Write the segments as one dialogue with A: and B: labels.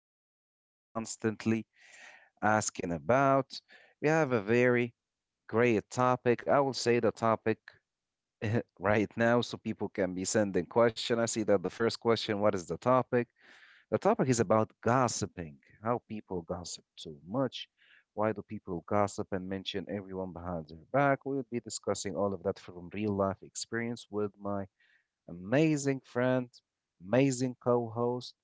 A: have been constantly asking about. We have a very great topic. I will say the topic right now so people can be sending question. I see that the first question, what is the topic? The topic is about gossiping, how people gossip too much. Why do people gossip and mention everyone behind their back? We'll be discussing all of that from real life experience with my amazing friend, amazing co host,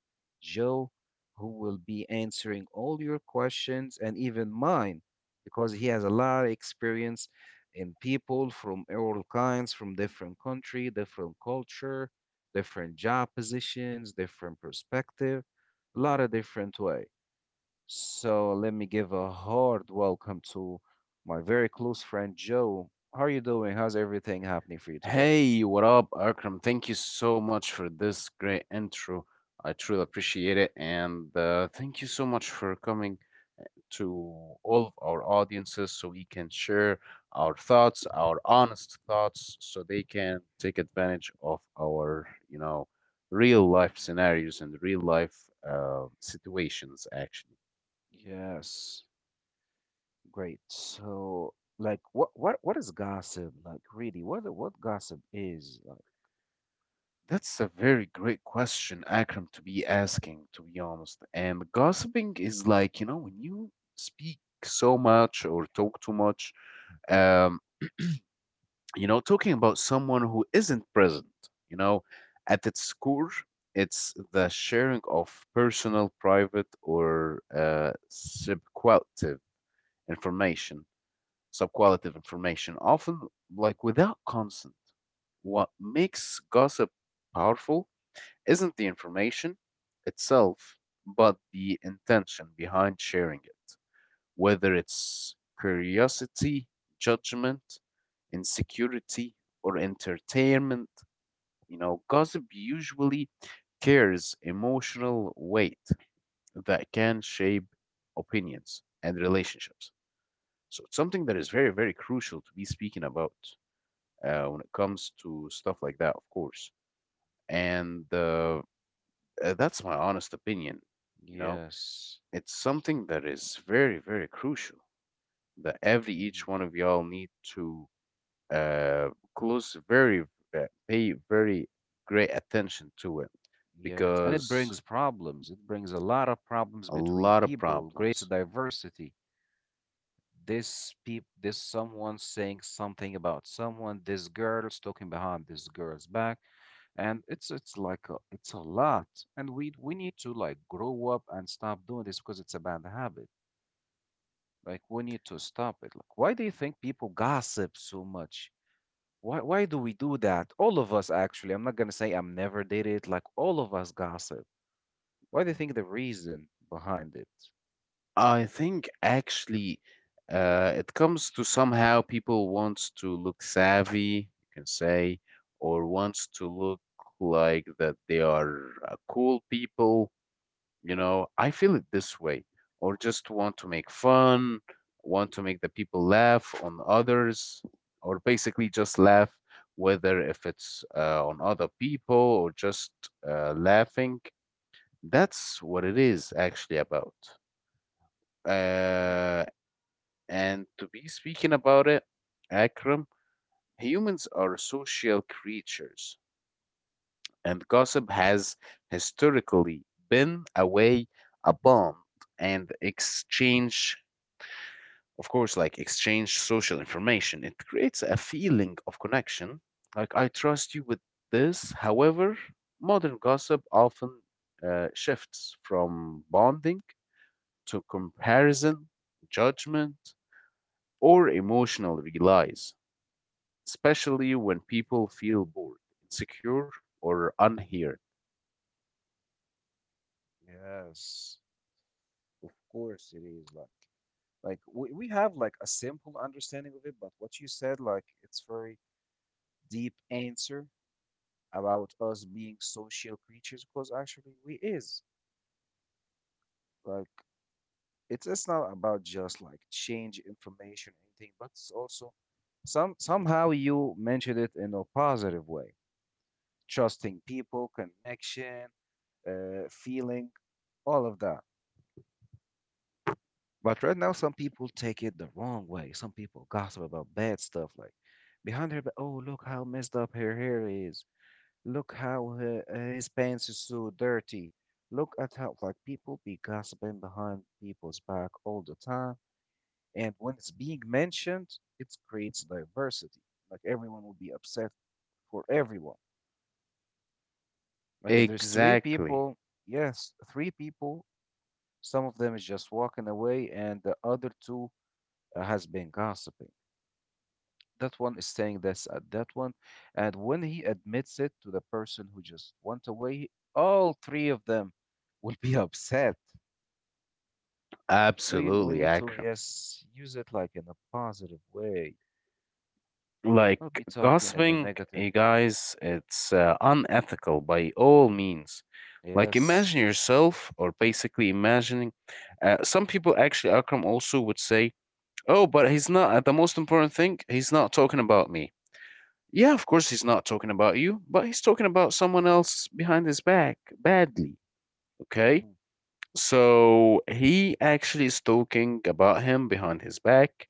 A: Joe, who will be answering all your questions and even mine because he has a lot of experience in people from all kinds, from different country, different culture, different job positions, different perspective, a lot of different way. So let me give a hard welcome to my very close friend Joe. How are you doing? How's everything happening for you today?
B: Hey, what up, Akram? Thank you so much for this great intro. I truly appreciate it. And Thank you so much for coming eh, to all of our audiences so we can share our thoughts, our honest thoughts, so they can take advantage of our real life
A: Mhm.
B: scenarios and real life situations, actually.
A: Yes. Great. So, like, what is gossip? Like, really, what gossip is? Like,
B: That's a very great question, Akram, to be asking, to be honest. And gossiping is like, you know, when you speak so much or talk too much, um, you know, talking about someone who isn't present, you know, at its core, it's the sharing of personal, private, or information, subqualitative information, often like without consent. What makes gossip powerful? Isn't the information itself, but the intention behind sharing it, whether it's curiosity, judgment, insecurity, or entertainment. You know, gossip usually carries emotional weight that can shape opinions and relationships. So it's something that is very, very crucial to be speaking about when it comes to stuff like that, of course. And That's my honest opinion. You know,
A: yes.
B: it's something that is very, very crucial that every
A: Hmm.
B: each one of y'all need to uh, close very, pay very great attention to it
A: Yes, and it
B: because
A: brings problems. It brings a lot of problems
B: a
A: between
B: lot of
A: people. Creates
B: problems.
A: diversity. This someone saying something about someone. This girl's talking behind this girl's back, and it's like it's a lot. And we need to like grow up and stop doing this because it's a bad habit. Like we need to stop it. Like why do you think people gossip so much? Why do we do that? All of us actually. I'm not gonna say I'm never did it. Like all of us gossip. Why do you
B: Mm.
A: think the reason behind it?
B: I think actually it comes to somehow people wants to look savvy, you can say, or wants to look like that they are cool people. You know, I feel it this way, or just want to make fun, want to make the people laugh on others, or basically just laugh, whether if it's on other people or just laughing. That's what it is actually about.
A: Mhm.
B: Uh, and to be speaking about it, Akram, humans are social creatures, and gossip has historically been a way, a bond, and exchange, of course, like exchange social information. It creates a feeling of connection, like I trust you with this. However, modern gossip often shifts from bonding to comparison, judgment, or emotional reliance especially when people feel bored, insecure, or unheard.
A: Yes. Of course it is like we have like a simple understanding of it, but what you said, like it's very deep answer about us being social creatures because actually we is like it's not about just like change information or anything, but it's also somehow you mentioned it in a positive way, trusting people, connection, feeling, all of that. But right now, some people take it the wrong way. Some people gossip about bad stuff, like behind her. But oh, look how messed up her hair is. Look how his pants is so dirty. Look at how like people be gossiping behind people's back all the time. And when it's being mentioned, it creates diversity. Like everyone will be upset for everyone. Like if there's three
B: Exactly.
A: people, yes, three people. Some of them is just walking away, and the other two has been gossiping. That one is saying this at that one. And when he admits it to the person who just went away, all three of them will be upset. So you, we
B: Absolutely,
A: need to,
B: Akram.
A: yes, use it like in a positive way,
B: Like
A: not be talking in a
B: gossiping,
A: negative.
B: guys, it's unethical by all means. Like
A: Yes.
B: imagine yourself, or basically imagining. Some people actually, Akram also would say, "Oh, but he's not. The most important thing, he's not talking about me." Yeah, of course he's not talking about you, but he's talking about someone else behind his back badly. Okay.
A: Hmm.
B: So he actually is talking about him behind his back.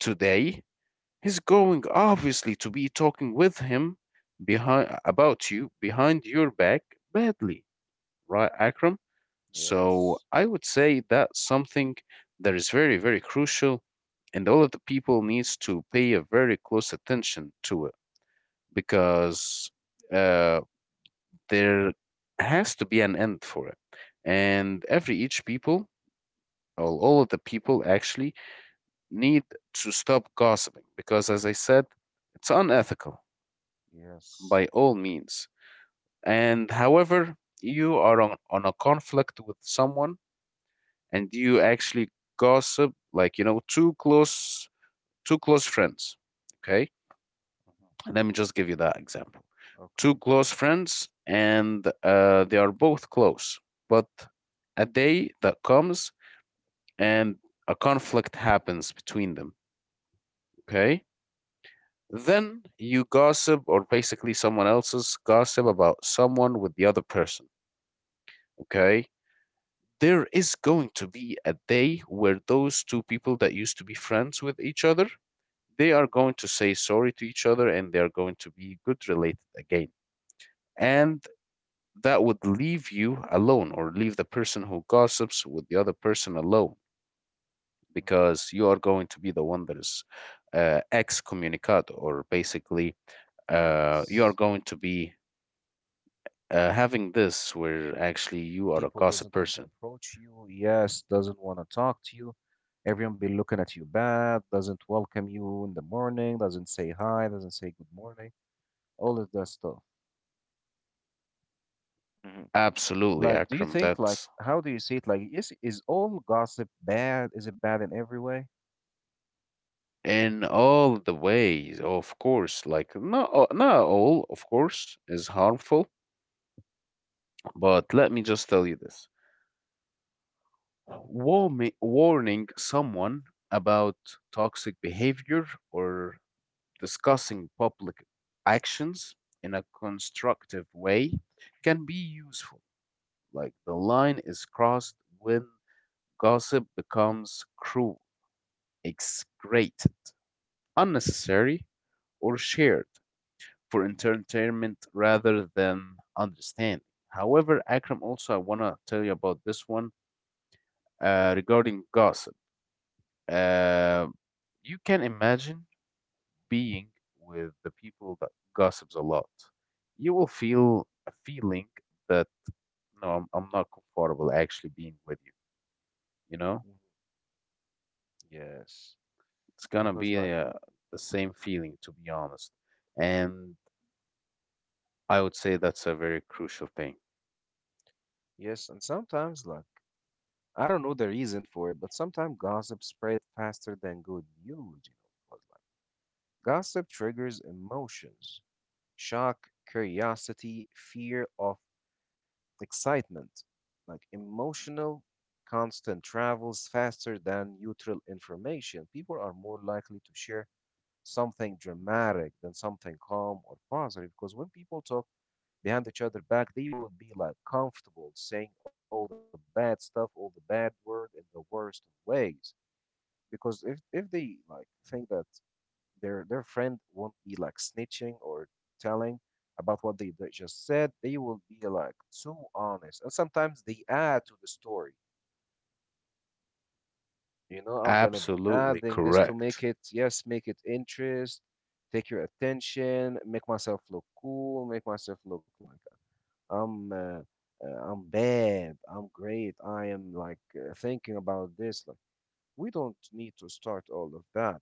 B: Today, he's going obviously to be talking with him behind about you behind your back badly, right, Akram? So
A: Yes.
B: I would say that's something that is very, very crucial, and all of the people needs to pay a very close attention to it because uh, there has to be an end for it, and every each people all of the people actually need to stop gossiping because, as I said, it's unethical
A: Yes.
B: by all means. And however, you are on a conflict with someone and you actually gossip, like, you know, two close friends. Okay.
A: Hmm.
B: Let me just give you that example. Two
A: Okay.
B: close friends and they are both close, but a day that comes and a conflict happens between them. Okay. Then you gossip, or basically someone else's gossip about someone with the other person. Okay. There is going to be a day where those two people that used to be friends with each other, they are going to say sorry to each other and they are going to be good related again. And that would leave you alone or leave the person who gossips with the other person alone
A: Hmm.
B: because you are going to be the one that is excommunicado or basically you are
A: Yes.
B: going to be having this where actually you are a
A: People
B: gossip
A: doesn't want to
B: person.
A: approach you, yes, doesn't want to talk to you. Everyone be looking at you bad, doesn't welcome you in the morning, doesn't say hi, doesn't say good morning, all of that stuff. Hmm.
B: Absolutely,
A: Like, do you
B: Akram.
A: think, like,
B: That's
A: how do you see it, like, is all gossip bad? Is it bad in every way?
B: in all the ways, of course. Like not all, of course, is harmful. But let me just tell you this: warning someone about toxic behavior or discussing public actions in a constructive way can be useful. Like the line is crossed when gossip becomes cruel makes great unnecessary or shared for entertainment rather than understanding. However, Akram, also I want to tell you about this one regarding gossip. Uh, you can imagine being with the people that gossips a lot. You will feel a feeling that no, I'm not comfortable actually being with you. You know,
A: Mhm. Yes,
B: it's gonna
A: because
B: be
A: like.
B: the same feeling to be honest, and I would say that's a very crucial thing.
A: Yes, and sometimes, like, I don't know the reason for it, but sometimes gossip spread faster than good news, because like. Gossip triggers emotions: shock, curiosity, fear of excitement. Like emotional constant travels faster than neutral information. People are more likely to share something dramatic than something calm or positive because when people talk behind each other back, they will be like comfortable saying all the bad stuff, all the bad word in the worst of ways. Because if they like think that their friend won't be like snitching or telling about what they just said. They will be like so honest, and sometimes they add to the story. You know, I'm gonna be
B: Absolutely
A: adding this to make
B: correct.
A: it, yes, make it interest, take your attention, make myself look cool, make myself look like I'm. I'm bad, I'm great, I am like thinking about this. Like, we don't need to start all of that.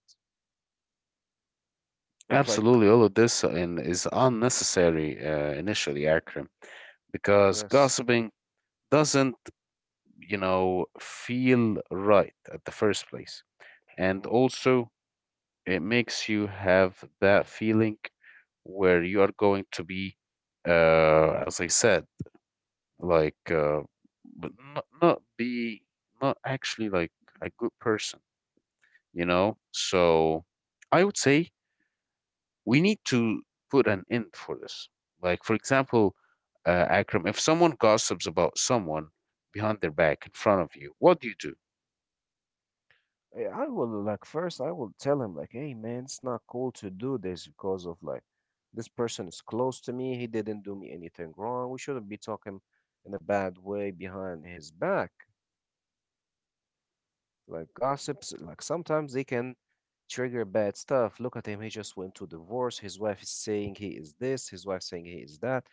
A: But, like,
B: Absolutely, all of this is unnecessary initially, Akram, because
A: yes.
B: gossiping doesn't, you know, feel right at the first place. And also, it makes you have that feeling where you are going to be, as I said, like, uh, but not actually like a good person, you know? So I would say we need to put an end for this. Like, for example, Akram, if someone gossips about someone behind their back in front of you, what do you do?
A: I will like first I will tell him like, hey man, it's not cool to do this because of like this person is close to me. He didn't do me anything wrong. We shouldn't be talking in a bad way behind his back. Like gossips, like sometimes they can trigger bad stuff. Look at him, he just went to divorce. His wife is saying he is this, his wife saying he is that,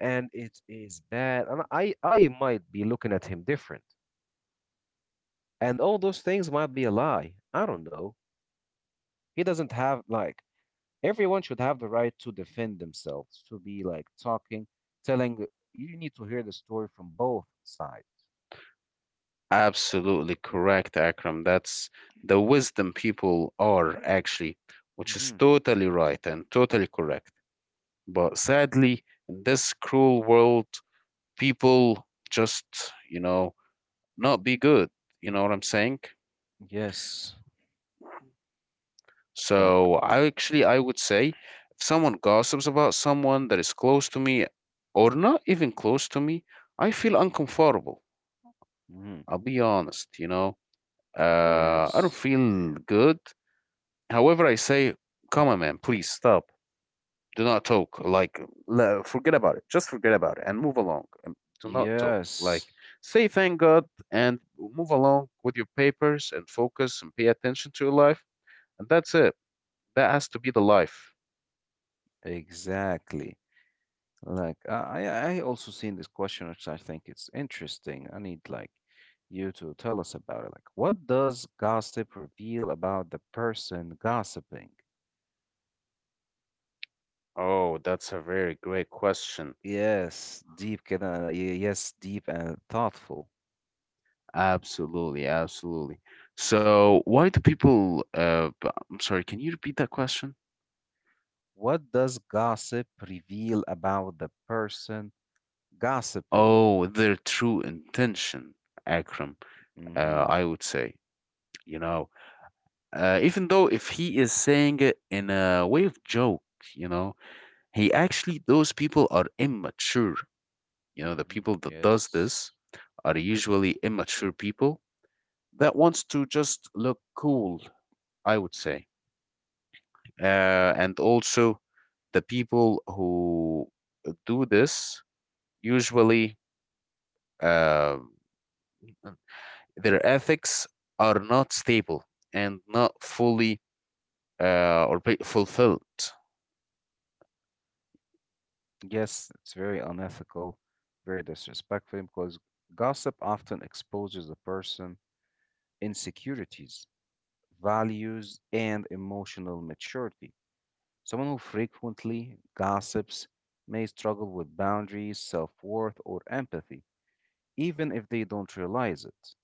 A: and it is bad. And I might be looking at him different. And all those things might be a lie. I don't know. He doesn't have like. Everyone should have the right to defend themselves, to be like talking, telling. You need to hear the story from both sides.
B: Absolutely correct, Akram. That's the wisdom people are actually, which is
A: Hmm.
B: totally right and totally correct. But sadly, in this cruel world, people just, you know, not be good. You know what I'm saying?
A: Yes, like.
B: So I would say if someone gossips about someone that is close to me or not even close to me, I feel uncomfortable.
A: Hmm.
B: I'll be honest, you know. I don't
A: Yes,
B: feel good. However, I say, come on, man, please stop. Do not talk. Like, forget about it. Just forget about it and move along. And do not talk. Like,
A: yes,
B: say thank God and move along with your papers and focus and pay attention to your life. And that's it. That has to be the life.
A: exactly. Like I also seen this question, which I think it's interesting. I need like you to tell us about it. Like, what does gossip reveal about the person gossiping?
B: Oh, that's a very great question.
A: Yes, deep, كده. Yes, deep and thoughtful.
B: Absolutely, absolutely. So, why do people, I'm sorry, can you repeat that question?
A: What does gossip reveal about the person gossiping?
B: Oh, their true intention, Akram,
A: Hmm.
B: I would say, you know, even though if he is saying it in a way of joke, you know, he actually, those people are immature. You know, the
A: Hmm.
B: people that does
A: Yes.
B: this are usually immature people that wants to just look cool, I would say uh, and also the people who do this usually um, their ethics are not stable and not fully or be fulfilled.
A: Yes, it's very unethical, very disrespectful because gossip often exposes a person insecurities, values, and emotional maturity. Someone who frequently gossips may struggle with boundaries, self-worth, or empathy, even if they don't realize it.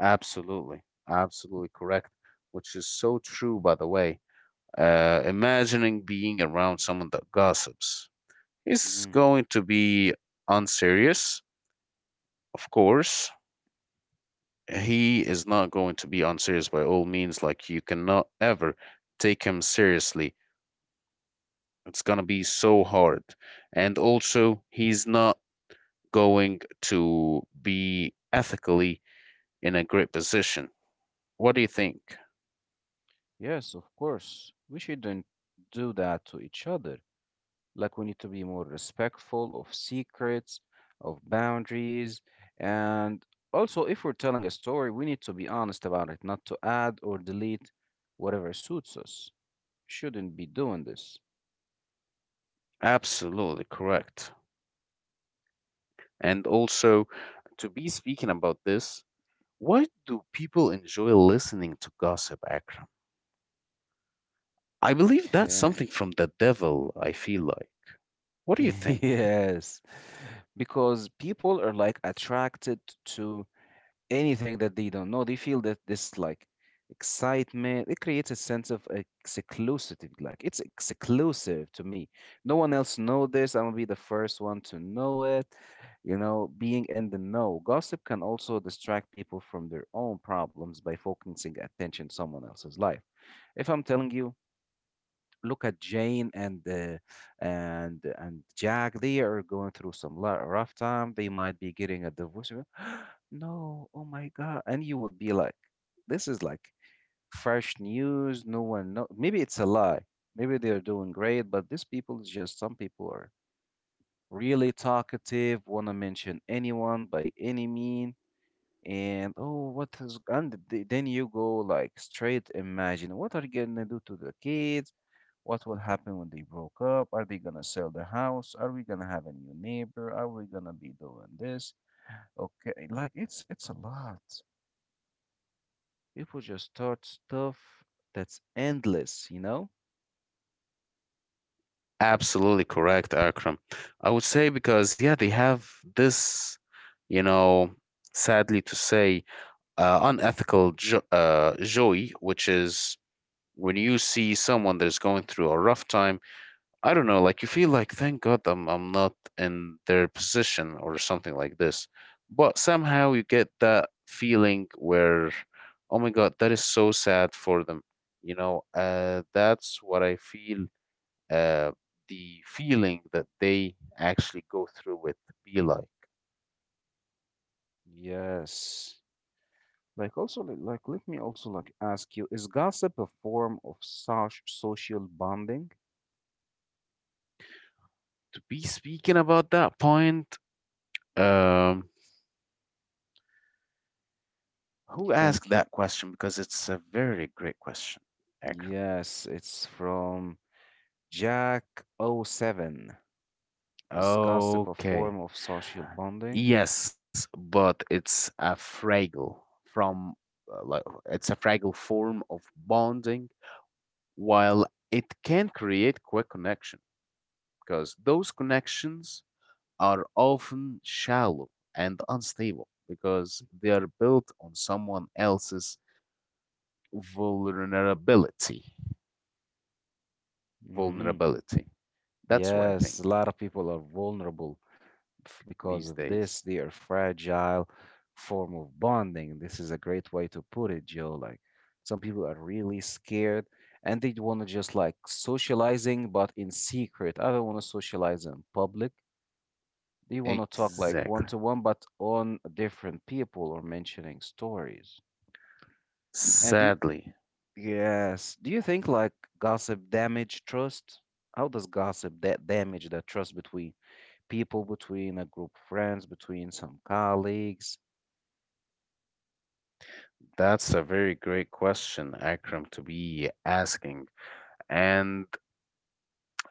B: Absolutely, absolutely correct, which is so true, by the way. Imagining being around someone that gossips. He's going to be unserious, of course. He is not going to be unserious by all means. Like, you cannot ever take him seriously. It's going to be so hard. And also, he's not going to be ethically in a great position. What do you think?
A: Yes, of course. We shouldn't do that to each other. Like, we need to be more respectful of secrets, of boundaries, and also, if we're telling a story, we need to be honest about it, not to add or delete whatever suits us. Shouldn't be doing this.
B: Absolutely correct. And also, to be speaking about this, why do people enjoy listening to gossip, Akram? I believe that's
A: Okay.
B: something from the devil, I feel like. What do you think?
A: Yes, because people are like attracted to anything that they don't know. They feel that this like excitement. It creates a sense of exclusivity. Like it's exclusive to me. No one else know this. I'm gonna be the first one to know it. You know, being in the know. Gossip can also distract people from their own problems by focusing attention on someone else's life. If I'm telling you, look at Jane and Jack. They are going through some rough time. They might be getting a divorce. You're like, no, oh my God! And you will be like, this is like fresh news. No one know. Maybe it's a lie. Maybe they're doing great, but these people is just some people are really talkative, want to mention anyone by any mean. And oh, what is and then you go like straight imagine what are you gonna do to the kids? What will happen when they broke up? Are they gonna sell the house? Are we gonna have a new neighbor? Are we gonna be doing this? Okay, like it's a lot. People just start stuff that's endless, you know?
B: Absolutely correct, Akram. I would say because, yeah, they have this, you know, sadly to say, unethical joy, which is when you see someone that's going through a rough time I don't know, like you feel like thank God I'm not in their position or something like this. But somehow you get that feeling where, oh my God, that is so sad for them. You know, that's what I feel uh, the feeling that they actually go through with be like.
A: Yes. Like also like let me also like ask you, is gossip a form of social bonding?
B: To be speaking about that point, um,
A: You
B: who
A: think
B: asked that question? Because it's a very great question, Akram.
A: yes, it's from Jack oh 07. Is gossip a
B: Okay.
A: form of social bonding?
B: Yes, but it's a fragile from uh, like it's a fragile form of bonding while it can create quick connection because those connections are often shallow and unstable because they are built on someone else's vulnerability.
A: Mhm.
B: Vulnerability. That's what I
A: Yes,
B: think
A: a lot of people are vulnerable because
B: these
A: of this.
B: days.
A: They are fragile form of bonding. This is a great way to put it, Joe. Like some people are really scared and they want to just like socializing, but in secret. I don't want to socialize in public. They want to talk like one
B: Exactly.
A: to one, but on different people or mentioning stories. And the,
B: Sadly,
A: yes, do you think like gossip damage trust? How does gossip that damage that trust between people between a group of friends, between some colleagues.
B: that's a very great question, Akram, to be asking. And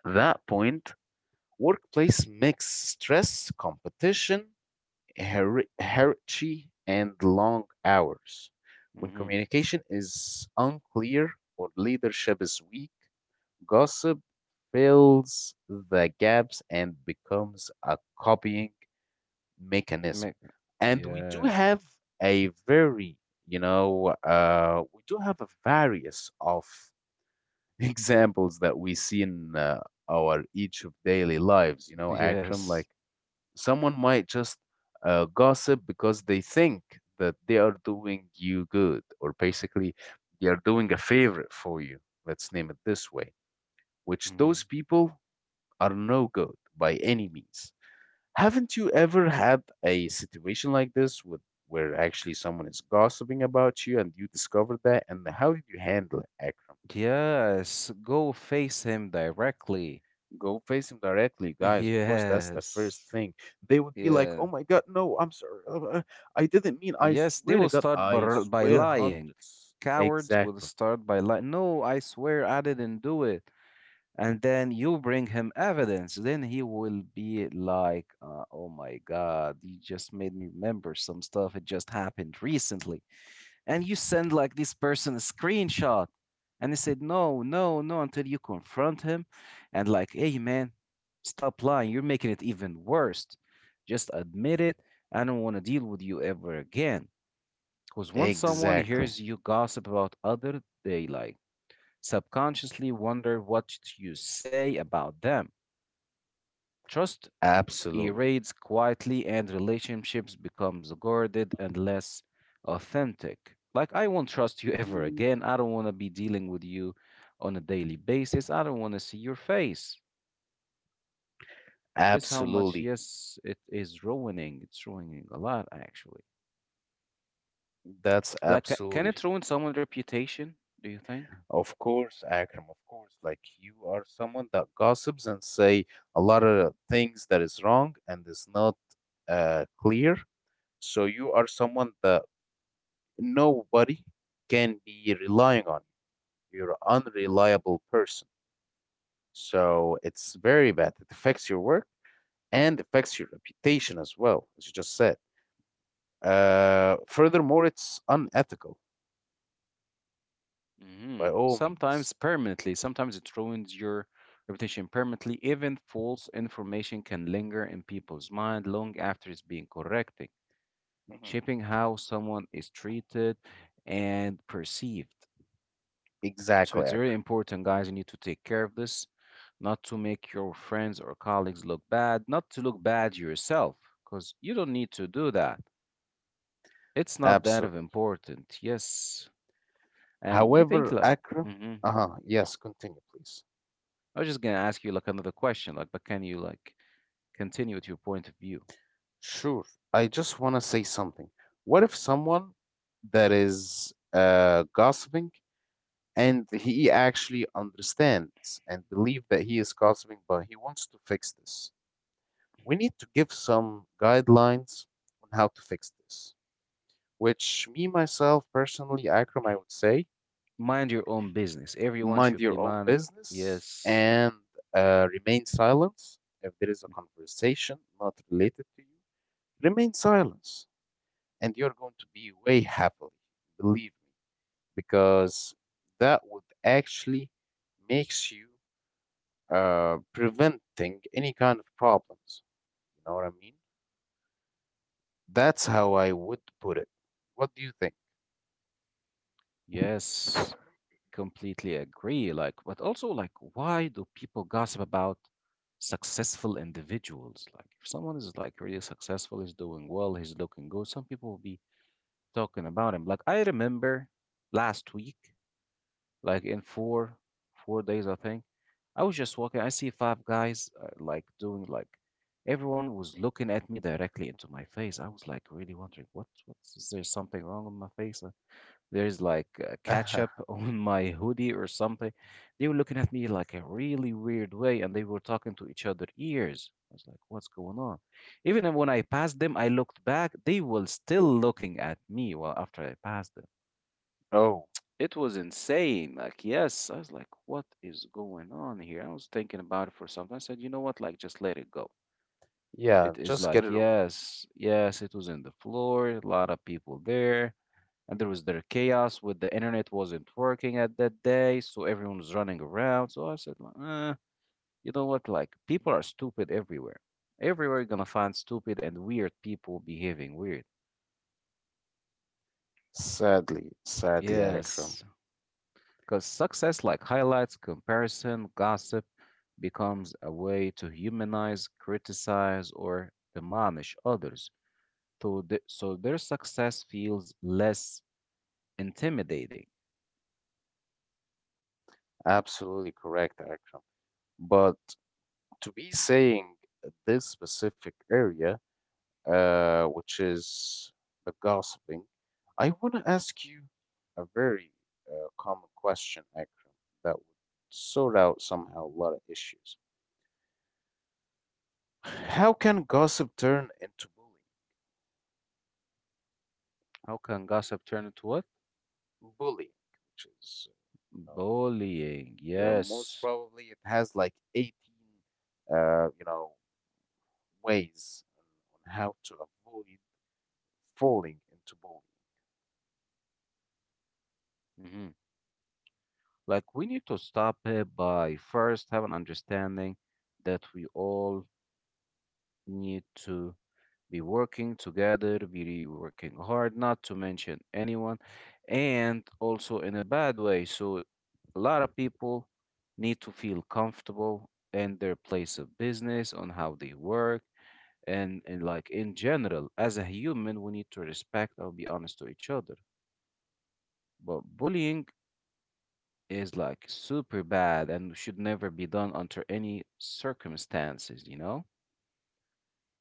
B: that point, workplace makes stress, competition, hierarchy, and long hours. When
A: Hmm.
B: communication is unclear or leadership is weak, gossip fills the gaps and becomes a copying mechanism. And
A: Yes.
B: a very, we do have a various of examples that we see in our each of daily lives, you know, Akram, like
A: Yes.
B: someone might just gossip because they think that they are doing you good, or basically they are doing a favor for you. Let's name it this way, which those
A: Hmm.
B: people are no good by any means. Haven't you ever had a situation like this with where actually someone is gossiping about you and you discover that? And how did you handle it, Akram?
A: Yes. Go face him directly.
B: Go face him directly, guys. Of course, that's the first
A: Yes,
B: thing. They would be like,
A: yeah,
B: "Oh my God, no, I'm sorry. I didn't mean. I
A: yes. They
B: swear
A: will
B: to God,
A: start
B: I
A: by
B: swear
A: lying.
B: hundreds."
A: Cowards will
B: Exactly.
A: start by lying. No, I swear I didn't do it. And then you bring him evidence. Then he will be like, "Oh my God, you just made me remember some stuff. It just happened recently." And you send like this person a screenshot, and he said no, no, no until you confront him. And like, hey man, stop lying, you're making it even worse, just admit it. I don't want to deal with you ever again because once someone
B: Exactly.
A: hears you gossip about other, they like subconsciously wonder what you say about them. Trust
B: Absolutely.
A: erodes quietly, and relationships becomes guarded and less authentic. Like I won't trust you ever again. I don't want to be dealing with you on a daily basis. I don't want to see your face. This how much,
B: Absolutely.
A: yes, it is ruining. It's ruining a lot actually.
B: That's
A: Like can
B: absolutely
A: it ruin someone's reputation, do you think?
B: of course, Akram, of course. Like you are someone that gossips and say a lot of things that is wrong and is not clear. So you are someone that nobody can be relying on. You're an unreliable person. So it's very bad. It affects your work and affects your reputation as well, as you just said. Furthermore, it's unethical
A: Hmm.
B: by all
A: Sometimes
B: means.
A: permanently. Sometimes it ruins your reputation permanently. Even false information can linger in people's mind long after it's being corrected,
B: Mhm.
A: shaping how someone is treated and perceived. So
B: Exactly,
A: it's very
B: Akram.
A: important, guys. You need to take care of this, not to make your friends or colleagues look bad, not to look bad yourself, because you don't need to do that. It's not that of
B: Absolutely.
A: important. Yes. And you think
B: However,
A: like.
B: Accra,
A: Hmm.
B: uh-huh, yes, continue, please.
A: I was just gonna ask you like another question, like, but can you like continue with your point of view?
B: Sure. I just want to say something. What if someone that is gossiping and he actually understands and believe that he is gossiping, but he wants to fix this? We need to give some guidelines on how to fix this, which me, myself, personally, Akram, I would say,
A: Mind your own business. Everyone
B: mind
A: should
B: your
A: be
B: own
A: money.
B: business
A: Yes.
B: and remain silent if there is a conversation not related to you remain silence and you're going to be way happily believe me because that would actually makes you preventing any kind of problems you know what I mean that's how I would put it what do you think?
A: Yes. Completely agree. Like, but also, like, why do people gossip about successful individuals? Like, if someone is like really successful, he's doing well, he's looking good, some people will be talking about him. Like, I remember last week, like in four days, I think, I was just walking. I see five guys like doing like. Everyone was looking at me directly into my face. I was like really wondering, what's, is there something wrong with my face? There's like ketchup on my hoodie or something. They were looking at me like a really weird way and they were talking to each other ears. I was like, what's going on? Even when I passed them, I looked back, they were still looking at me while after I passed them.
B: oh
A: It was insane. Like, yes, I was like, what is going on here? I was thinking about it for something. I said, you know what? Like, just let it go.
B: yeah
A: It is
B: just get
A: like,
B: it over with.
A: yes, yes, it was in the floor, a lot of people there and there was their chaos with the internet wasn't working at that day, so everyone was running around. So I said, like, you know what? Like people are stupid everywhere. Everywhere you're gonna find stupid and weird people behaving weird.
B: Sadly, sadly, Akram.
A: Yes, because success like highlights, comparison, gossip becomes a way to humanize, criticize, or demolish others. So, so their success feels less intimidating.
B: Absolutely correct, Akram. But to be saying this specific area, which is the gossiping, I want to ask you a very common question, Akram, that would sort out somehow a lot of issues. How can gossip turn into bullying?
A: How can gossip turn into what?
B: Bullying, which is, you know,
A: Bullying,
B: Most
A: yes.
B: probably, it has like 18, you know, ways on how to avoid falling into
A: Hmm. Like we need to stop it by first have an understanding that we all need to be working together, be working hard, not to mention anyone, and also in a bad way. So a lot of people need to feel comfortable in their place of business, on how they work, and, like in general, as a human, we need to respect or be honest to each other. But bullying is like super bad and should never be done under any circumstances, you know?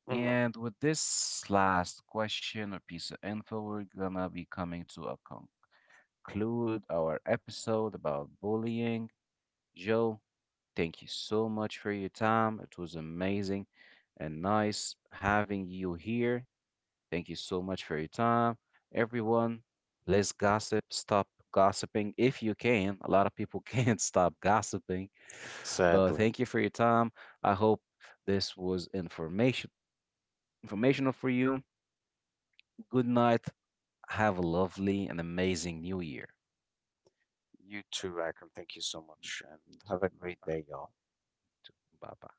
B: bullying. Hmm.
A: And with this last question or piece of info, we're gonna be coming to a conclude our episode about bullying. Joe, thank you so much for your time. It was amazing and nice having you here. Thank you so much for your time. Everyone, let's gossip. Stop gossiping if you can. A lot of people can't stop gossiping. But
B: Sadly.
A: thank you for your time. I hope this was informational for you. Good night. Have a lovely and amazing new year.
B: You too, Akram. Thank you so much, and have a
A: Bye
B: great
A: bye.
B: day, y'all.
A: Bye bye.